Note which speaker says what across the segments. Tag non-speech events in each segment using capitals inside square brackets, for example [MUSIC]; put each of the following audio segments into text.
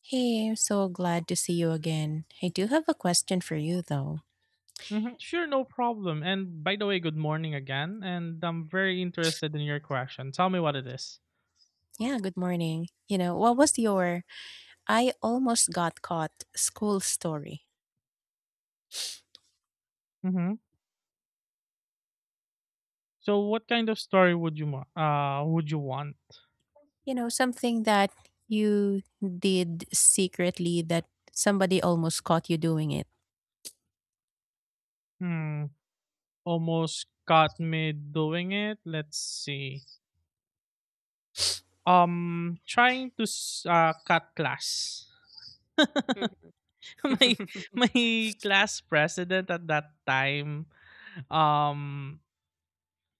Speaker 1: Hey, I'm so glad to see you again. I do have a question for you though.
Speaker 2: Sure, no problem. And by the way, good morning again. And I'm very interested in your question. Tell me what it is.
Speaker 1: Yeah, good morning. You know, what was your I almost got caught school story?
Speaker 2: Mm-hmm. So, what kind of story would you would you want?
Speaker 1: You know, something that you did secretly that somebody almost caught you doing it.
Speaker 2: Hmm. Almost caught me doing it. Let's see. Trying to cut class. [LAUGHS] my
Speaker 1: [LAUGHS]
Speaker 2: my class president at that time. Um.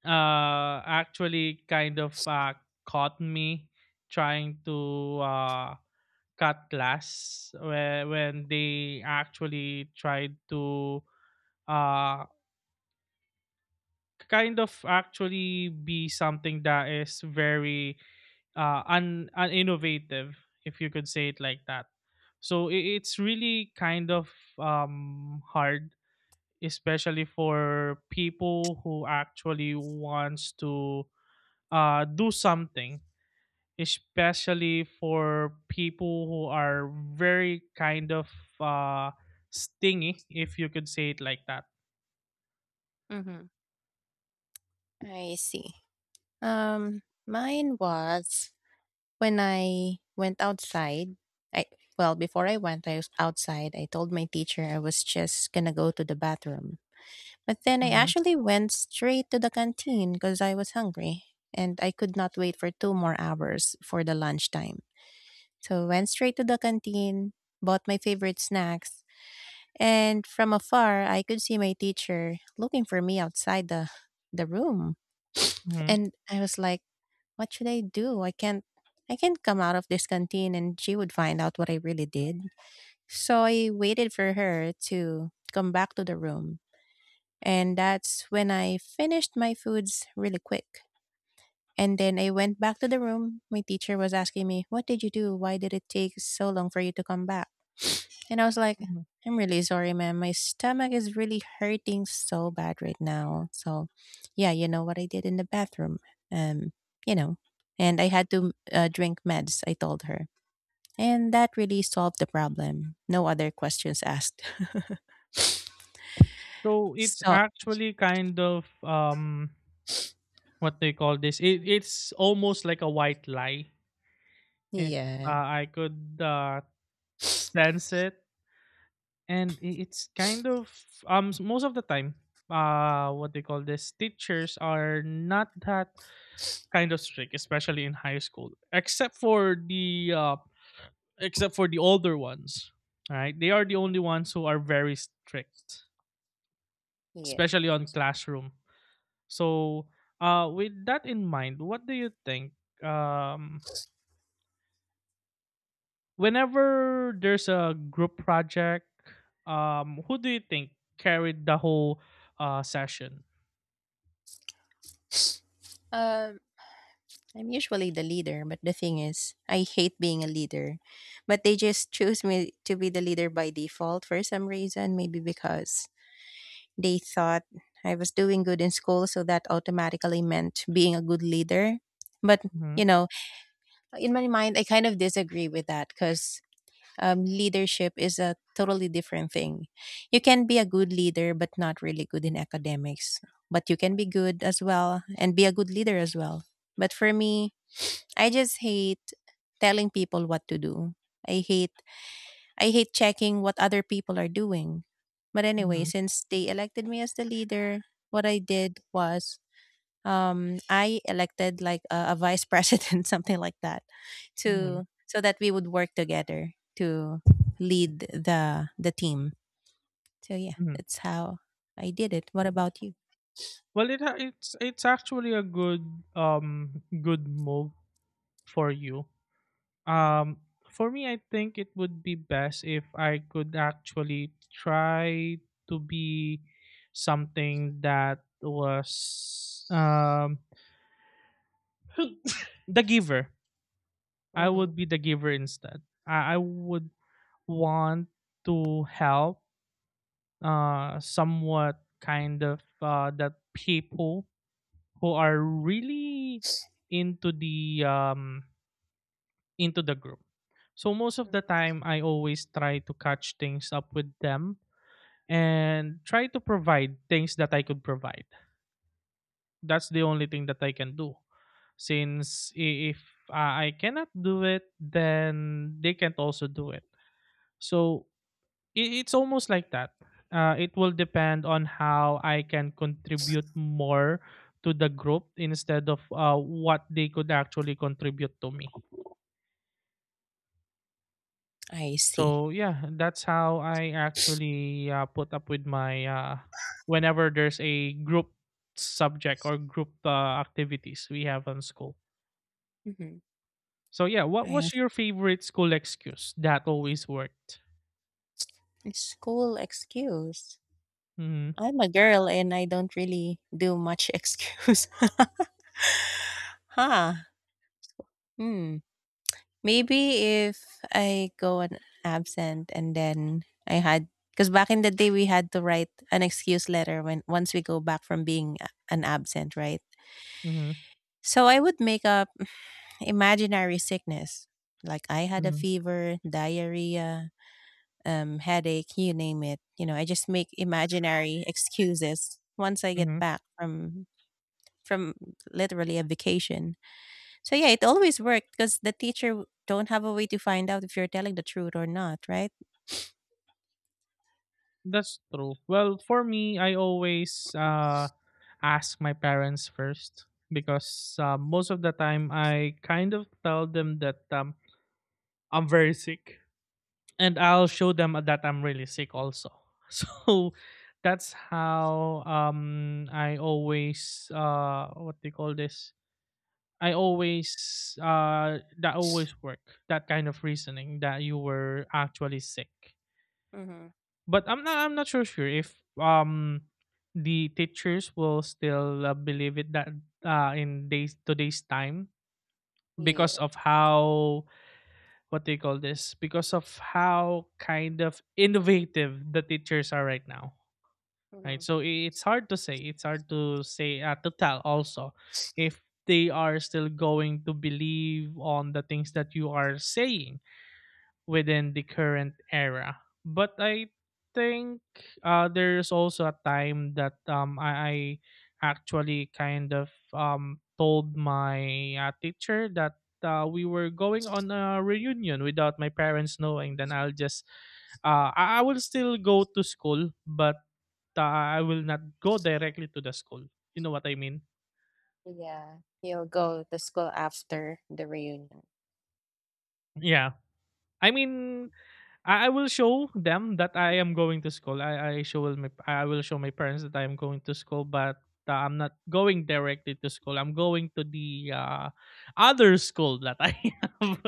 Speaker 2: Actually, kind of caught me trying to uh Cutlass when they actually tried to, uh, kind of actually be something that is very, un uninnovative, if you could say it like that. So I it's really kind of, hard, especially for people who actually wants to, do something. Especially for people who are very kind of uh, stingy, if you could say it like that.
Speaker 1: Mm-hmm. I see. Mine was when I went outside. I before I was outside, I told my teacher I was just gonna go to the bathroom. But then I
Speaker 2: hmm
Speaker 1: actually went straight to the canteen because I was hungry and I could not wait for two more hours for the lunchtime. So I went straight to the canteen, bought my favorite snacks, and from afar I could see my teacher looking for me outside the room.
Speaker 2: hmm
Speaker 1: And I was like, what should I do? I can't come out of this canteen and she would find out what I really did. So I waited for her to come back to the room, and that's when I finished my foods really quick. And then I went back to the room. My teacher was asking me, "What did you do? Why did it take so long for you to come back?" And I was like,
Speaker 2: hmm
Speaker 1: I'm really sorry, ma'am. My stomach is really hurting so bad right now. So, yeah, you know what I did in the bathroom. Um, you know, and I had to drink meds, I told her. And that really solved the problem. No other questions asked. [LAUGHS]
Speaker 2: So it's
Speaker 1: So,
Speaker 2: actually kind of what they call this. It's almost like a white lie, if uh,
Speaker 1: yeah.
Speaker 2: I could sense it. And it's kind of most of the time, what they call this. Teachers are not that kind of strict, especially in high school. Except for the older ones, right? They are the only ones who are very strict,
Speaker 1: Yeah.
Speaker 2: especially on classroom. So, with that in mind, what do you think? Um, whenever there's a group project, who do you think carried the whole session?
Speaker 1: Um, I'm usually the leader, but the thing is, I hate being a leader. But they just choose me to be the leader by default for some reason, maybe because they thought I was doing good in school, so that automatically meant being a good leader. But,
Speaker 2: hmm
Speaker 1: you know, in my mind, I kind of disagree with that because leadership is a totally different thing. You can be a good leader, but not really good in academics. But you can be good as well and be a good leader as well. But for me, I just hate telling people what to do. I hate I hate checking what other people are doing. But anyway,
Speaker 2: hmm
Speaker 1: since they elected me as the leader, what I did was I elected like a vice president, [LAUGHS] something like that,
Speaker 2: hmm
Speaker 1: to so that we would work together to lead the team. So yeah,
Speaker 2: hmm
Speaker 1: that's how I did it. What about you?
Speaker 2: Well, it's actually a good, good move for you.
Speaker 1: Mm-hmm.
Speaker 2: Um, for me, I think it would be best if I could actually try to be something that was the giver. I
Speaker 1: Mm-hmm.
Speaker 2: would be the giver instead. I would want to help somewhat kind of that people who are really into the into the group. So most of the time I always try to catch things up with them and try to provide things that I could provide. That's the only thing that I can do. Since if I cannot do it, then they can't also do it. So it's almost like that. It will depend on how I can contribute more to the group instead of what they could actually contribute to me.
Speaker 1: I see.
Speaker 2: So yeah, that's how I actually put up with my whenever there's a group subject or group activities we have on school.
Speaker 1: Mm-hmm.
Speaker 2: So yeah, what
Speaker 1: I
Speaker 2: was your favorite school excuse that always worked?
Speaker 1: school excuse.
Speaker 2: Mm-hmm.
Speaker 1: I'm a girl and I don't really do much [LAUGHS] excuse. [LAUGHS] huh. Hmm. Maybe if I go on absent and then I had, because back in the day we had to write an excuse letter when once we go back from being an absent, right?
Speaker 2: Mm-hmm.
Speaker 1: So I would make up [CLEARS THROAT] imaginary sickness, like I had a
Speaker 2: Mm-hmm.
Speaker 1: fever, diarrhea, headache, you name it. You know, I just make imaginary excuses once I get
Speaker 2: Mm-hmm.
Speaker 1: back from from literally a vacation. So yeah, it always worked because the teacher don't have a way to find out if you're telling the truth or not, right?
Speaker 2: That's true. Well, for me, I always ask my parents first because most of the time I kind of tell them that I'm very sick and I'll
Speaker 1: Mhm.
Speaker 2: show them that I'm really sick also. [LAUGHS] So that's how I always, what they call this? I always, that always work, that kind of reasoning that you were actually sick.
Speaker 1: Mhm.
Speaker 2: But I'm not so sure if the teachers will still believe it that in days today's time because
Speaker 1: Yeah.
Speaker 2: of how what they call this because of how kind of innovative the teachers are right now, right?
Speaker 1: Mhm.
Speaker 2: So it's hard to say, to tell also if they are still going to believe on the things that you are saying within the current era. But I think there's also a time that I actually kind of told my teacher that we were going on a reunion without my parents knowing. Then I'll just, I will still go to school, but uh, I will not go directly to the school. You know what I mean?
Speaker 1: Yeah. He'll go to school after the reunion.
Speaker 2: Yeah. I mean, I will show them that I am going to school. I will show my parents that I am going to school, but I'm not going directly to school. I'm going to the other school that I [LAUGHS] have.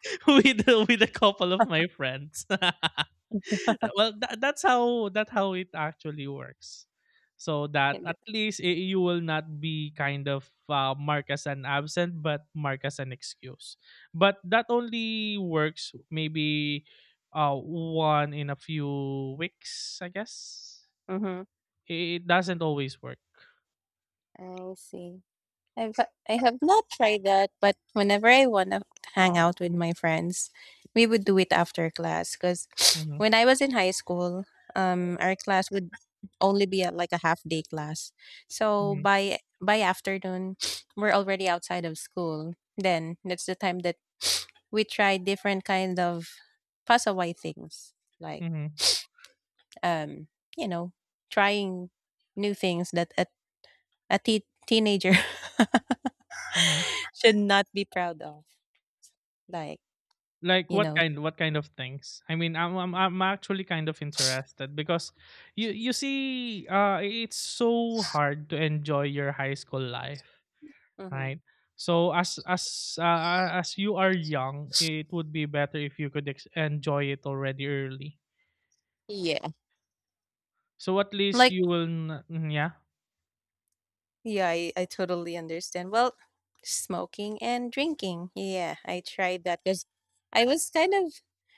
Speaker 2: [LAUGHS] with with a couple of my friends. [LAUGHS] Well, that's how that how it actually works. So that at least I you will not be kind of marked as an absent, but marked as an excuse. But that only works maybe one in a few weeks, I guess.
Speaker 1: Mhm.
Speaker 2: It doesn't always work.
Speaker 1: I see. I've I have not tried that, but whenever I wanna hang out with my friends, we would do it after class. Cause [SNIFFS]
Speaker 2: hmm
Speaker 1: when I was in high school, our class would only be a, like, a half day class. So
Speaker 2: hmm
Speaker 1: by afternoon, [SNIFFS] we're already outside of school. Then that's the time that we try different kind of pasaway things, like
Speaker 2: hmm
Speaker 1: um, you know, trying new things that a teenager
Speaker 2: hmm
Speaker 1: [LAUGHS] should not be proud of. Like,
Speaker 2: Like
Speaker 1: you know.
Speaker 2: what kind of things? I mean, I'm actually kind of interested because you see, it's so hard to enjoy your high school life,
Speaker 1: Mhm.
Speaker 2: right? So as you are young, it would be better if you could enjoy it already early.
Speaker 1: Yeah.
Speaker 2: So at least
Speaker 1: Like,
Speaker 2: you will, yeah.
Speaker 1: yeah, I totally understand. Well, smoking and drinking. Yeah, I tried that because I was kind of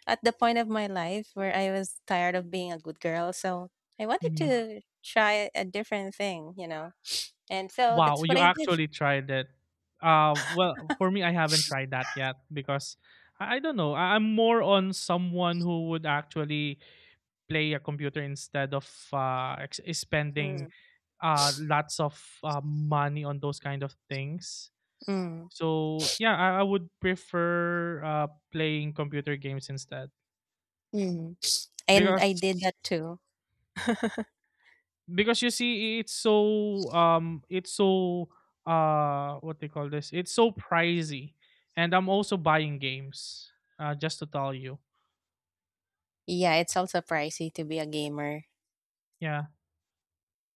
Speaker 1: at the point of my life where I was tired of being a good girl. So I wanted
Speaker 2: hmm
Speaker 1: to try a different thing, you know? And so
Speaker 2: Wow,
Speaker 1: that's what
Speaker 2: you
Speaker 1: I did.
Speaker 2: actually tried it. Well, for me, I haven't tried that yet because I don't know. I, I'm more on someone who would actually play a computer instead of spending
Speaker 1: Mm.
Speaker 2: lots of money on those kind of things.
Speaker 1: Mm.
Speaker 2: So yeah, I would prefer playing computer games instead
Speaker 1: Mm. And I
Speaker 2: because
Speaker 1: did that too. [LAUGHS]
Speaker 2: you see it's so what they call this it's so pricey, and I'm also buying games, just to tell you,
Speaker 1: Yeah, it's also pricey to be a gamer,
Speaker 2: yeah.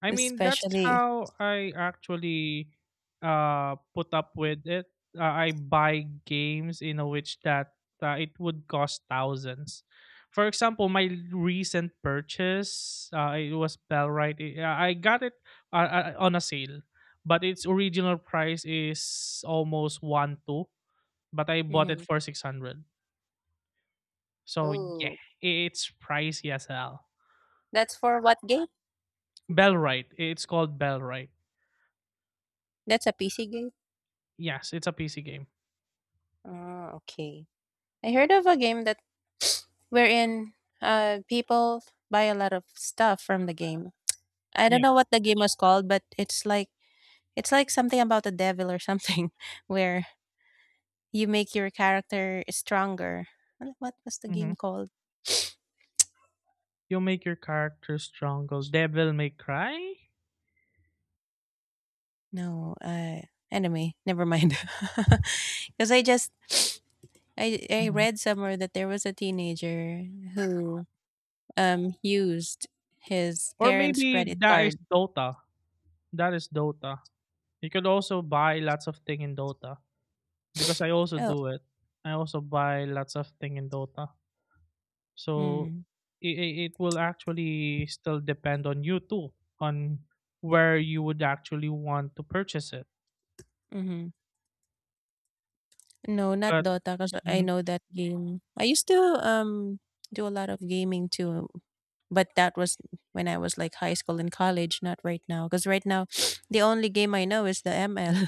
Speaker 2: I mean, that's
Speaker 1: especially.
Speaker 2: how I actually put up with it. I buy games in a which that it would cost thousands. For example, my recent purchase, it was Bellrite. I got it on a sale, but its original price is almost one two. But I bought it
Speaker 1: Mhm.
Speaker 2: for 600. So yeah,
Speaker 1: Oh,
Speaker 2: it's pricey as hell.
Speaker 1: that's for what game?
Speaker 2: Bellrite. It's called Bellrite.
Speaker 1: That's a PC game?
Speaker 2: Yes, it's a PC game.
Speaker 1: Oh, okay. I heard of a game that wherein people buy a lot of stuff from the game. I don't
Speaker 2: Yeah.
Speaker 1: know what the game was called, but it's like something about the devil or something [LAUGHS] where you make your character stronger. What was the game
Speaker 2: Mhm.
Speaker 1: called?
Speaker 2: You make your character stronger. Devil May Cry?
Speaker 1: No, uh anyway, never mind. [LAUGHS] Cuz I just [SNIFFS] I
Speaker 2: Mhm.
Speaker 1: read somewhere that there was a teenager who used his
Speaker 2: Or
Speaker 1: parents'
Speaker 2: maybe
Speaker 1: credit
Speaker 2: that is
Speaker 1: card.
Speaker 2: Dota. That is Dota. You could also buy lots of thing in Dota because I also
Speaker 1: Oh,
Speaker 2: do it. I also buy lots of thing in Dota. So
Speaker 1: mm,
Speaker 2: it will actually still depend on you too on where you would actually want to purchase it.
Speaker 1: mhm. No, not
Speaker 2: But
Speaker 1: Dota. Cause I
Speaker 2: mhm.
Speaker 1: know that game. I used to, do a lot of gaming too, but that was when I was, like, high school and college, not right now. Cause right now, [SNIFFS] the only game I know is the ML.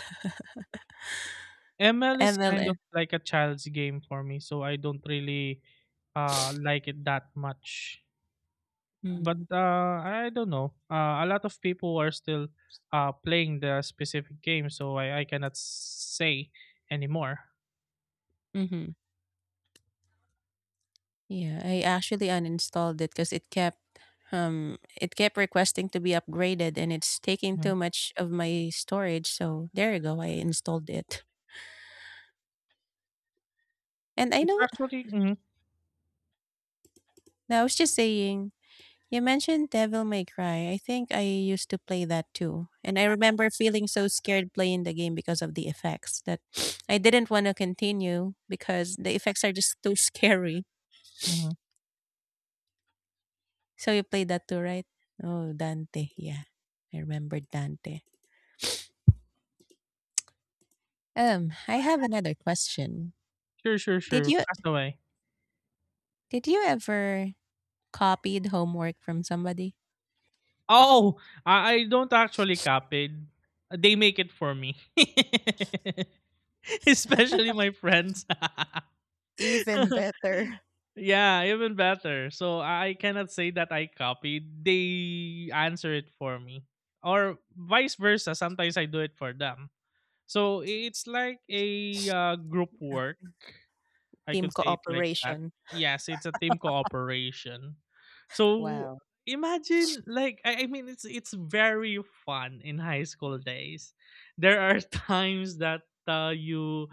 Speaker 2: ML is
Speaker 1: ML,
Speaker 2: kind
Speaker 1: eh.
Speaker 2: of like a child's game for me, so I don't really like it that much.
Speaker 1: [LAUGHS]
Speaker 2: But
Speaker 1: Mm,
Speaker 2: I don't know. A lot of people are still playing the specific game, so I cannot say anymore.
Speaker 1: mhm. Yeah, I actually uninstalled it cause it kept requesting to be upgraded, and it's taking too
Speaker 2: Mhm.
Speaker 1: much of my storage, so there you go, I installed it. And I
Speaker 2: It's
Speaker 1: know
Speaker 2: actually mhm,
Speaker 1: I was just saying you mentioned Devil May Cry. I think I used to play that too. And I remember feeling so scared playing the game because of the effects, that [SNIFFS] I didn't want to continue because the effects are just too [LAUGHS] scary.
Speaker 2: mhm.
Speaker 1: So you played that too, right? Oh, Dante. Yeah. I remember Dante. I have another question.
Speaker 2: Sure, sure,
Speaker 1: Did
Speaker 2: sure.
Speaker 1: you
Speaker 2: Castaway.
Speaker 1: did you ever copied homework from somebody?
Speaker 2: Oh, I don't actually copy. They make it for me, [LAUGHS] especially my friends. [LAUGHS]
Speaker 1: Even better.
Speaker 2: Yeah, even better. So I cannot say that I copied. They answer it for me. Or vice versa, sometimes I do it for them. So it's like a group
Speaker 1: Ah,
Speaker 2: work, I
Speaker 1: team
Speaker 2: could say it like that.
Speaker 1: cooperation.
Speaker 2: Yes, it's a team cooperation. So
Speaker 1: Wow.
Speaker 2: imagine like I mean it's very fun in high school days. There are [LAUGHS] times that you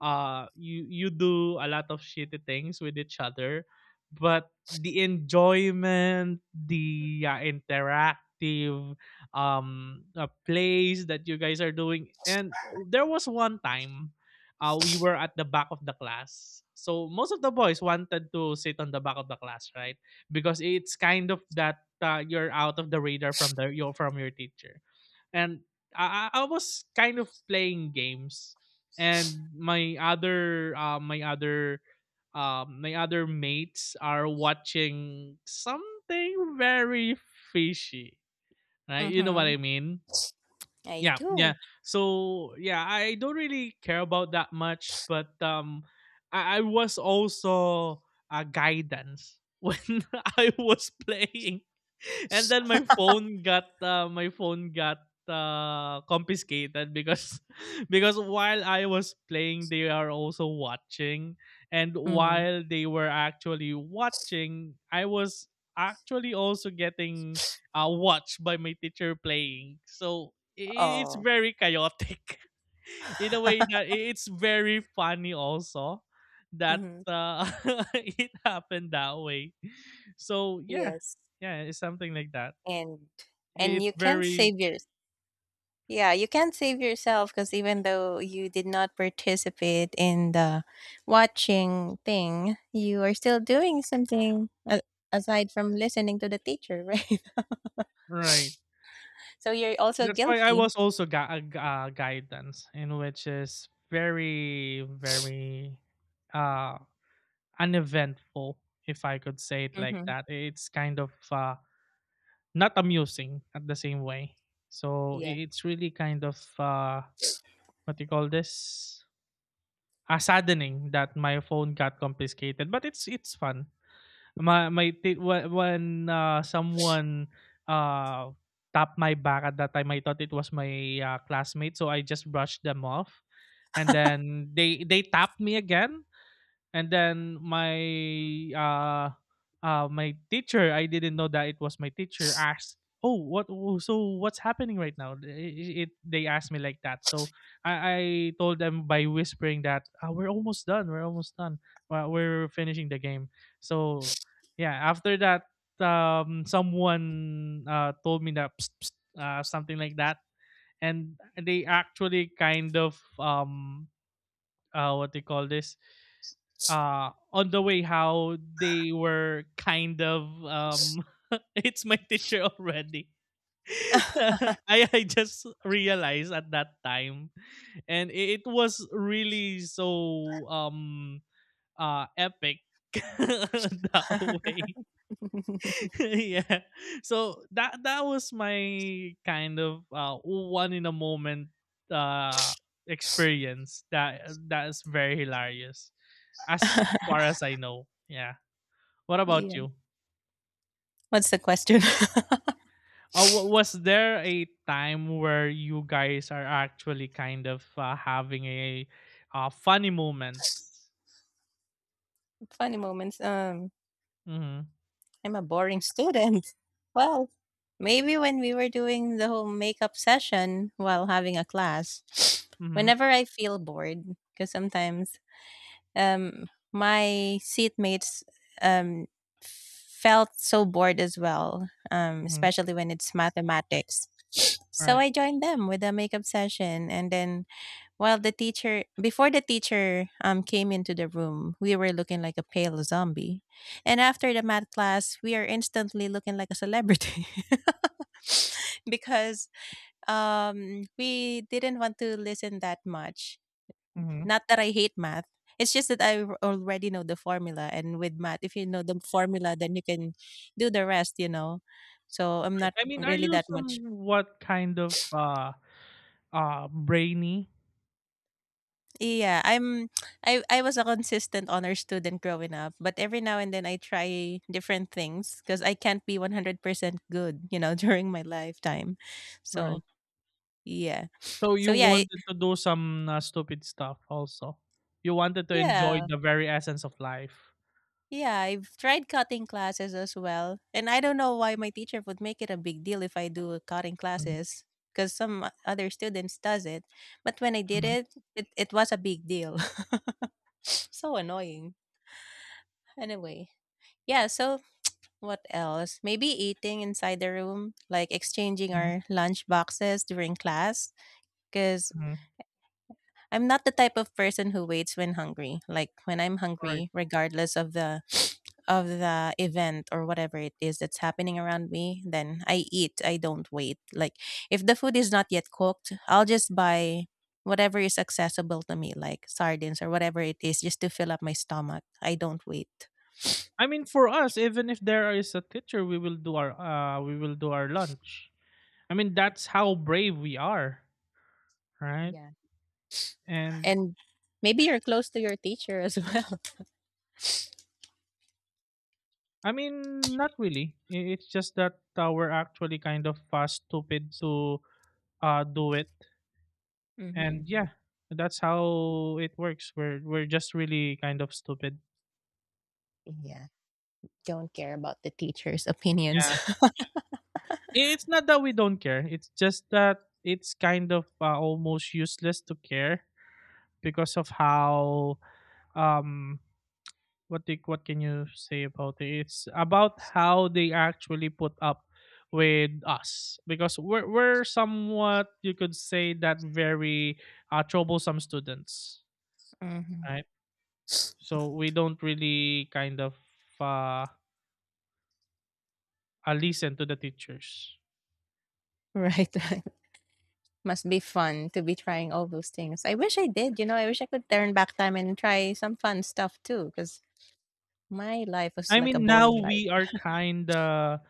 Speaker 2: you do a lot of shitty things with each other, but the enjoyment, the interactive plays that you guys are doing. And there was one time we were at the back of the class. So most of the boys wanted to sit on the back of the class, right? Because it's kind of that you're out of the radar from the your from your teacher. And I was kind of playing games, and my other mates are watching something very fishy. Right? You know what
Speaker 1: Mm-hmm.
Speaker 2: I mean?
Speaker 1: I
Speaker 2: Yeah, yeah.
Speaker 1: do.
Speaker 2: So yeah, I don't really care about that much, but I was also a guidance [LAUGHS] when I was playing, and then my phone got confiscated because [LAUGHS] because while I was playing they are also watching, and
Speaker 1: Mm-hmm.
Speaker 2: while they were actually watching I was actually also getting watched by my teacher playing. So I it's
Speaker 1: Oh.
Speaker 2: very chaotic [LAUGHS] in a way that it's very funny also that
Speaker 1: Hmm.
Speaker 2: uh, [LAUGHS] it happened that way. So yeah,
Speaker 1: Yes.
Speaker 2: yeah, it's something like that.
Speaker 1: And and you
Speaker 2: It's
Speaker 1: can
Speaker 2: very
Speaker 1: save your yeah, you can save yourself because even though you did not participate in the watching thing, you are still doing something aside from listening to the teacher, right? [LAUGHS]
Speaker 2: right.
Speaker 1: So you're also
Speaker 2: That's why I
Speaker 1: guilty.
Speaker 2: was also guidance in which is very uh uneventful, if I could say it like
Speaker 1: Hmm.
Speaker 2: that. It's kind of not amusing at the same way. So
Speaker 1: Yeah.
Speaker 2: it's really kind of what you call this? Saddening that my phone got confiscated, but it's fun. When someone uh tapped my back at that time, I thought it was my classmate, so I just brushed them off, and then they tapped me again, and then my uh my teacher I didn't know that it was my teacher. Asked, "Oh, what? Oh, so what's happening right now?" It they asked me like that. So I told them by whispering that, "Ah, we're almost done. We're finishing the game, so yeah. After that, someone told me, that "Psst, psst," something like that, and they actually kind of what do you call this on the way how they were kind of [LAUGHS] it's my teacher already. [LAUGHS]
Speaker 1: [LAUGHS]
Speaker 2: I just realized at that time, and it was really so epic [LAUGHS] that way. [LAUGHS] Yeah. So that was my kind of one in a moment uh, experience, that that is very hilarious, as far
Speaker 1: [LAUGHS]
Speaker 2: as I know. Yeah. What about
Speaker 1: yeah.
Speaker 2: you?
Speaker 1: What's the question? [LAUGHS]
Speaker 2: Was there a time where you guys are actually kind of having a funny moments?
Speaker 1: Funny moments. Um,
Speaker 2: Mm-hmm.
Speaker 1: I'm a boring student. [LAUGHS] Well, maybe when we were doing the whole makeup session while having a class, [SNIFFS]
Speaker 2: Mm-hmm.
Speaker 1: whenever I feel bored, because sometimes um, my seatmates um, felt so bored as well,
Speaker 2: Mm-hmm.
Speaker 1: especially when it's mathematics. [SNIFFS] So
Speaker 2: Right.
Speaker 1: I joined them with a makeup session, and then while the teacher before the teacher came into the room, we were looking like a pale zombie. And after the math class, we are instantly looking like a celebrity [LAUGHS] because we didn't want to listen that much.
Speaker 2: Mm-hmm.
Speaker 1: Not that I hate math. It's just that already know the formula, and with math, if you know the formula, then you can do the rest, you know. So I'm
Speaker 2: Right.
Speaker 1: not
Speaker 2: I mean, are
Speaker 1: really
Speaker 2: you
Speaker 1: that much.
Speaker 2: somewhat kind of brainy?
Speaker 1: Yeah, I I was a consistent honor student growing up, but every now and then I try different things because I can't be 100% good, you know, [LAUGHS] during my lifetime. So,
Speaker 2: Right.
Speaker 1: yeah.
Speaker 2: So
Speaker 1: So,
Speaker 2: you wanted to do some stupid stuff also. You wanted to enjoy
Speaker 1: yeah.
Speaker 2: the very essence of life.
Speaker 1: Yeah, I've tried cutting classes as well. And I don't know why my teacher would make it a big deal if I do cutting
Speaker 2: Mm-hmm.
Speaker 1: classes, because some other students does it. But when I did
Speaker 2: Hmm.
Speaker 1: it, it was a big deal. [LAUGHS] So annoying. Anyway, yeah, so what else? Maybe eating inside the room, like exchanging our lunch boxes during class. Because
Speaker 2: Hmm.
Speaker 1: I'm not the type of person who waits when hungry. Like when I'm
Speaker 2: Right.
Speaker 1: hungry, regardless of the [SNIFFS] of the event or whatever it is that's happening around me, then I eat. I don't wait. Like if the food is not yet cooked, I'll just buy whatever is accessible to me, like sardines or whatever it is, just to fill up my stomach. I don't wait.
Speaker 2: I mean, for us, even if there is a teacher, we will do our we will do our lunch. I mean, that's how brave we are, right?
Speaker 1: Yeah.
Speaker 2: And
Speaker 1: And maybe you're close to your teacher as [LAUGHS] well.
Speaker 2: I mean, not really. It's just that we're actually kind of stupid to do it. And
Speaker 1: Mhm.
Speaker 2: yeah, that's how it works. We're just really kind of stupid.
Speaker 1: Yeah, don't care about the teacher's opinions.
Speaker 2: Yeah.
Speaker 1: [LAUGHS]
Speaker 2: It's not that we don't care. It's just that it's kind of almost useless to care, because of how um what the, what can you say about it? It's about how they actually put up with us, because we're somewhat, you could say that, very troublesome students,
Speaker 1: Mhm.
Speaker 2: right? So we don't really kind of uh, listen to the teachers.
Speaker 1: Right, right. Must be fun to be trying all those things. I wish I did, you know, I wish I could turn back time and try some fun stuff too. Because my life was
Speaker 2: I
Speaker 1: like a
Speaker 2: mean, now
Speaker 1: boring life.
Speaker 2: we are kind of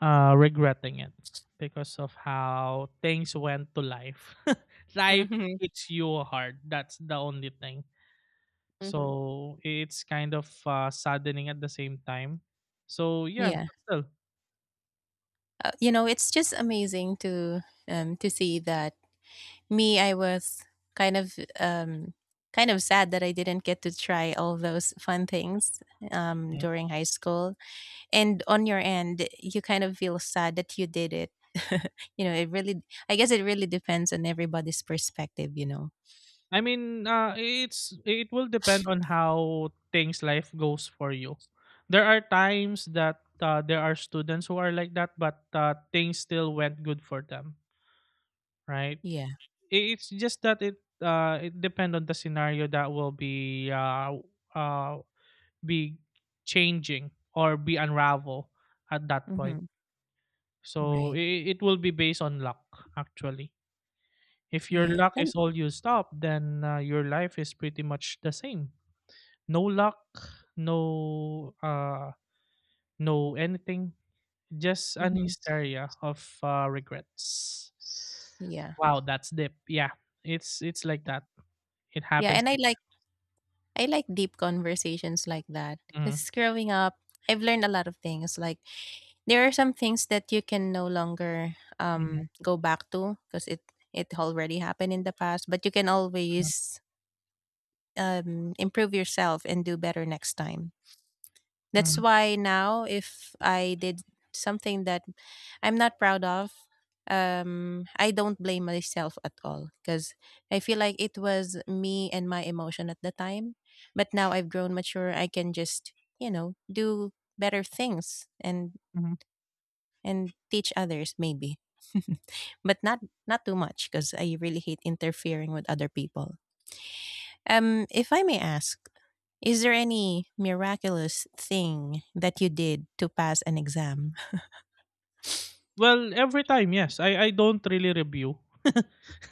Speaker 2: regretting it because of how things went to life. [LAUGHS] Life
Speaker 1: Mhm,
Speaker 2: hits you hard. That's the only thing.
Speaker 1: mhm.
Speaker 2: So it's kind of saddening at the same time. So yeah,
Speaker 1: Yeah.
Speaker 2: but still.
Speaker 1: You know, it's just amazing to see that me, I was kind of, um, kind of sad that I didn't get to try all those fun things,
Speaker 2: Mhm.
Speaker 1: during high school. And on your end you kind of feel sad that you did it. [LAUGHS] You know, it really, I guess it really depends on everybody's perspective, you know?
Speaker 2: I mean, it's it will depend on how things life goes for you. There are times that there are students who are like that, but things still went good for them, right?
Speaker 1: Yeah.
Speaker 2: It's just that it it depends on the scenario that will uh be changing or be unravel at that point.
Speaker 1: Mm-hmm.
Speaker 2: So
Speaker 1: Right,
Speaker 2: it will be based on luck, actually. If your
Speaker 1: yeah.
Speaker 2: luck
Speaker 1: That-
Speaker 2: is all used up, then your life is pretty much the same. No luck, no uh no anything, just an
Speaker 1: Mm-hmm.
Speaker 2: hysteria of regrets.
Speaker 1: Yeah.
Speaker 2: Wow, that's deep. Yeah, it's like that. It
Speaker 1: Yeah,
Speaker 2: happens
Speaker 1: and I
Speaker 2: like,
Speaker 1: like deep conversations like that. Cuz growing up, I've learned a lot of things. Like, there are some things that you can no longer
Speaker 2: Mhm.
Speaker 1: go back to because it already happened in the past, but you can
Speaker 2: Mhm.
Speaker 1: always improve yourself and do better next time. That's
Speaker 2: Mhm.
Speaker 1: why now if I did something that I'm not proud of, I don't blame myself at all because I feel like it was me and my emotion at the time. But now I've grown mature, I can just do better things, and
Speaker 2: Mhm.
Speaker 1: and teach others maybe. [LAUGHS] But not too much because I really hate interfering with other people. If I may ask, is there any miraculous thing that you did to pass an exam?
Speaker 2: Well, every time, yes. I don't really review.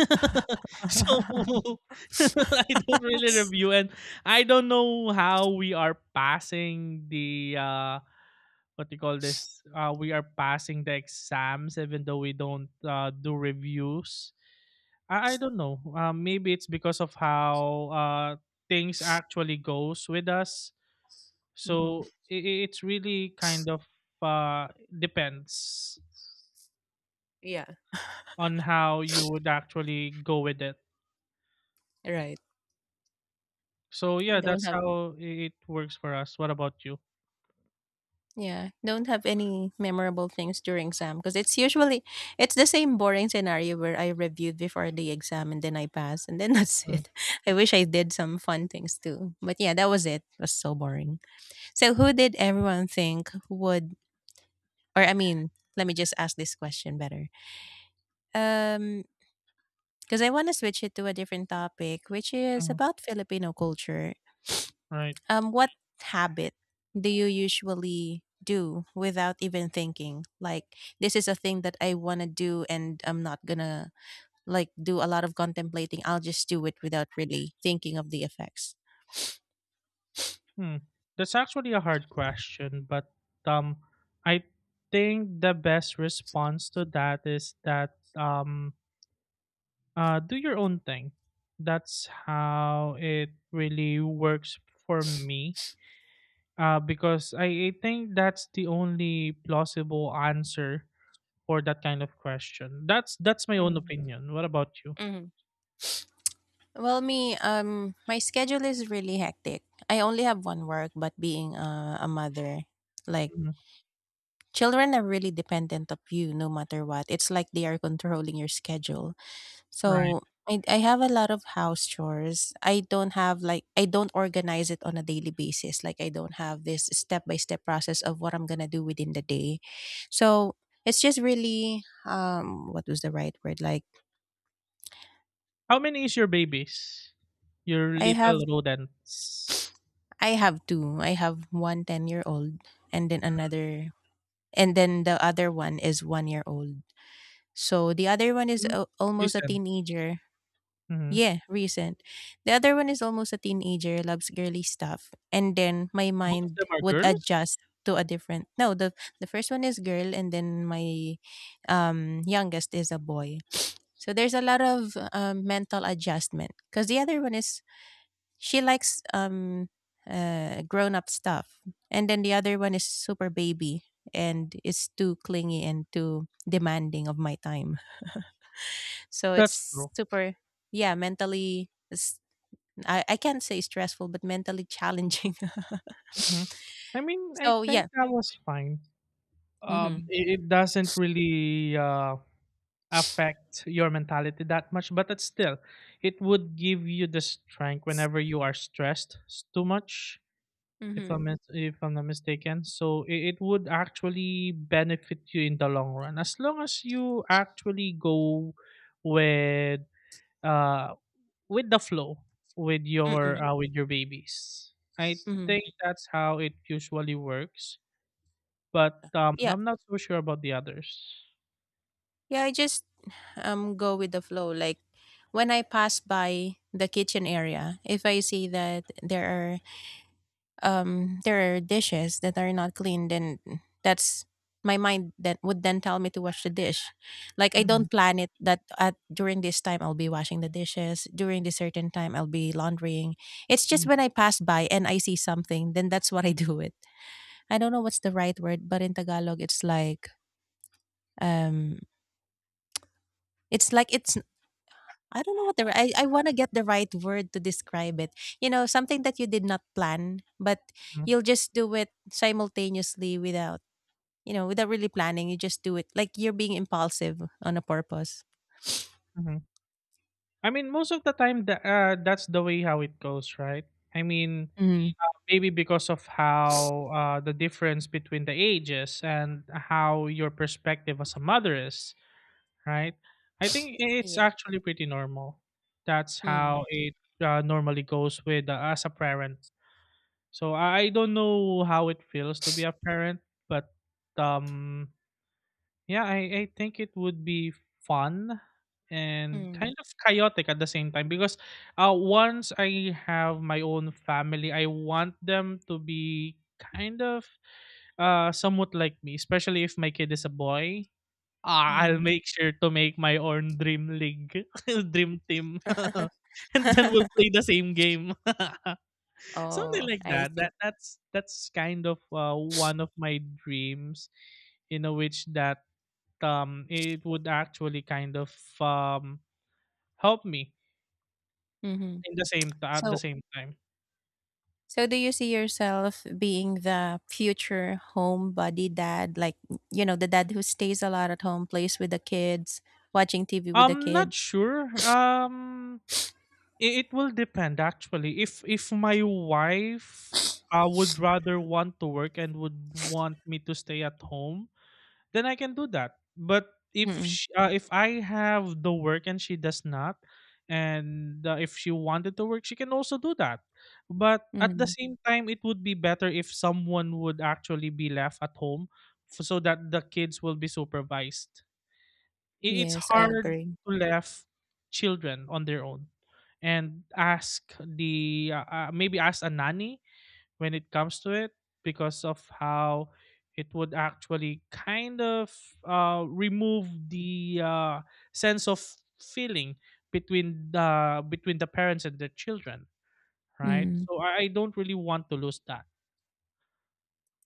Speaker 2: [LAUGHS] So,
Speaker 1: [LAUGHS]
Speaker 2: [LAUGHS] I don't really review, and I don't know how we are passing the, what do you call this? We are passing the exams even though we don't, do reviews. I don't know. Maybe it's because of how, things actually goes with us.
Speaker 1: Mhm.
Speaker 2: So, it's really kind of, depends.
Speaker 1: Yeah.
Speaker 2: On how you would actually go with it.
Speaker 1: Right.
Speaker 2: So
Speaker 1: I
Speaker 2: yeah,
Speaker 1: don't
Speaker 2: that's
Speaker 1: have.
Speaker 2: how it works for us. What about you?
Speaker 1: Yeah, don't have any memorable things during exam because it's the same boring scenario where I reviewed before the exam and then I passed and then [LAUGHS] that's it. I wish I did some fun things too. But yeah, that was it. It was so boring. So who did everyone think would, or I mean, let me just ask this question better. Um because I want to switch it to a different topic, which is
Speaker 2: Mm-hmm.
Speaker 1: about Filipino culture.
Speaker 2: Right.
Speaker 1: What habit do you usually do without even thinking? Like, this is a thing that I want to do, and I'm not gonna like do a lot of contemplating. I'll just do it without really thinking of the effects.
Speaker 2: Hmm. That's actually a hard question, but um, I think the best response to that is that um, do your own thing. That's how it really works for me. Because I think that's the only plausible answer for that kind of question. That's my own
Speaker 1: Mm.
Speaker 2: opinion. What about you?
Speaker 1: Mhm. Well, me, my schedule is really hectic. I only have one work, but being a mother, like,
Speaker 2: Mhm,
Speaker 1: children are really dependent of you no matter what. It's like they are controlling your schedule.
Speaker 2: right.
Speaker 1: So I have a lot of house chores. I don't have like I don't organize it on a daily basis. Like I don't have this step by step process of what I'm gonna do within the day. So it's just really what was the right word? Like
Speaker 2: How many is your babies? Your
Speaker 1: I have
Speaker 2: little rodents?
Speaker 1: I have two. I have one 10-year-old, and then another, and then the other one is 1-year-old. So the other one is
Speaker 2: Mm,
Speaker 1: almost a
Speaker 2: recent.
Speaker 1: teenager.
Speaker 2: Mhm.
Speaker 1: Yeah, recent. The other one is almost a teenager, loves girly stuff, and then my
Speaker 2: Both of them
Speaker 1: mind
Speaker 2: are
Speaker 1: would
Speaker 2: girls?
Speaker 1: adjust to a different. No, the first one is girl, and then my youngest is a boy. So there's a lot of mental adjustment because the other one is, she likes grown up stuff, and then the other one is super baby and is too clingy and too demanding of my time. [LAUGHS] So
Speaker 2: That's
Speaker 1: it's
Speaker 2: true.
Speaker 1: super, yeah, mentally, I can't say stressful, but mentally challenging. [LAUGHS]
Speaker 2: Mhm. I mean, I
Speaker 1: So yeah.
Speaker 2: think that was fine.
Speaker 1: Mm-hmm.
Speaker 2: It doesn't really affect your mentality that much, but it's still, it would give you the strength whenever you are stressed too much. If
Speaker 1: Mm-hmm.
Speaker 2: if I'm not mistaken. So it would actually benefit you in the long run, as long as you actually go with uh with the flow,
Speaker 1: Mm-mm.
Speaker 2: with your babies. I think
Speaker 1: Mm-hmm.
Speaker 2: that's how it usually works, but
Speaker 1: Yeah.
Speaker 2: I'm not so sure about the others.
Speaker 1: Yeah, I just go with the flow. Like when I pass by the kitchen area, if I see that there are dishes that are not clean, then that's my mind that would then tell me to wash the dish. Like I don't
Speaker 2: Mhm.
Speaker 1: plan it that at during this time I'll be washing the dishes, during this certain time I'll be laundering. It's just
Speaker 2: Mhm.
Speaker 1: when I pass by and I see something, then that's what I [LAUGHS] do it. I don't know what's the right word, but in Tagalog it's like, um it's like, it's I don't know what the ri- I want to get the right word to describe it. You know, something that you did not plan, but
Speaker 2: Mhm.
Speaker 1: you'll just do it simultaneously without, you know, without really planning, you just do it. Like you're being impulsive on a purpose.
Speaker 2: Mhm. I mean, most of the time, that's the way how it goes, right? I mean,
Speaker 1: Mm.
Speaker 2: maybe because of how the difference between the ages and how your perspective as a mother is, right? I think it's
Speaker 1: Yeah.
Speaker 2: actually pretty normal. That's how
Speaker 1: Mm.
Speaker 2: it normally goes with as a parent. So I don't know how it feels to be a parent, but um, yeah, I think it would be fun and
Speaker 1: Mm.
Speaker 2: kind of chaotic at the same time, because once I have my own family, I want them to be kind of somewhat like me, especially if my kid is a boy. I'll
Speaker 1: Mm.
Speaker 2: make sure to make my own dream league, [LAUGHS] dream team, [LAUGHS] and then we'll
Speaker 1: [LAUGHS]
Speaker 2: play the same game. [LAUGHS] Something
Speaker 1: Oh,
Speaker 2: like
Speaker 1: I
Speaker 2: that
Speaker 1: see.
Speaker 2: that's kind of one of my dreams, you know, which that it would actually kind of um, help me
Speaker 1: Hmm.
Speaker 2: in the at the
Speaker 1: So,
Speaker 2: same time.
Speaker 1: so, do you see yourself being the future homebody dad, like, you know, the dad who stays a lot at home, plays with the kids, watching TV with the
Speaker 2: I'm not
Speaker 1: kids?
Speaker 2: sure. It will depend actually. If my wife would rather want to work and would want me to stay at home, then I can do that. But if
Speaker 1: Mm-mm.
Speaker 2: sh if I have the work and she does not, and if she wanted to work, she can also do that. But at the
Speaker 1: Mm.
Speaker 2: same time, it would be better if someone would actually be left at home, so that the kids will be supervised. It's
Speaker 1: Yes, I
Speaker 2: hard
Speaker 1: agree.
Speaker 2: to left children on their own and ask the maybe ask a nanny when it comes to it, because of how it would actually kind of remove the sense of feeling between the parents and their children, right?
Speaker 1: Mm.
Speaker 2: So I don't really want to lose that.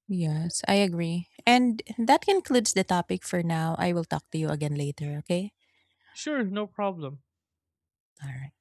Speaker 1: Yes, I agree. And that concludes the topic for now. I will talk to you again later, okay?
Speaker 2: Sure, no problem.
Speaker 1: All right.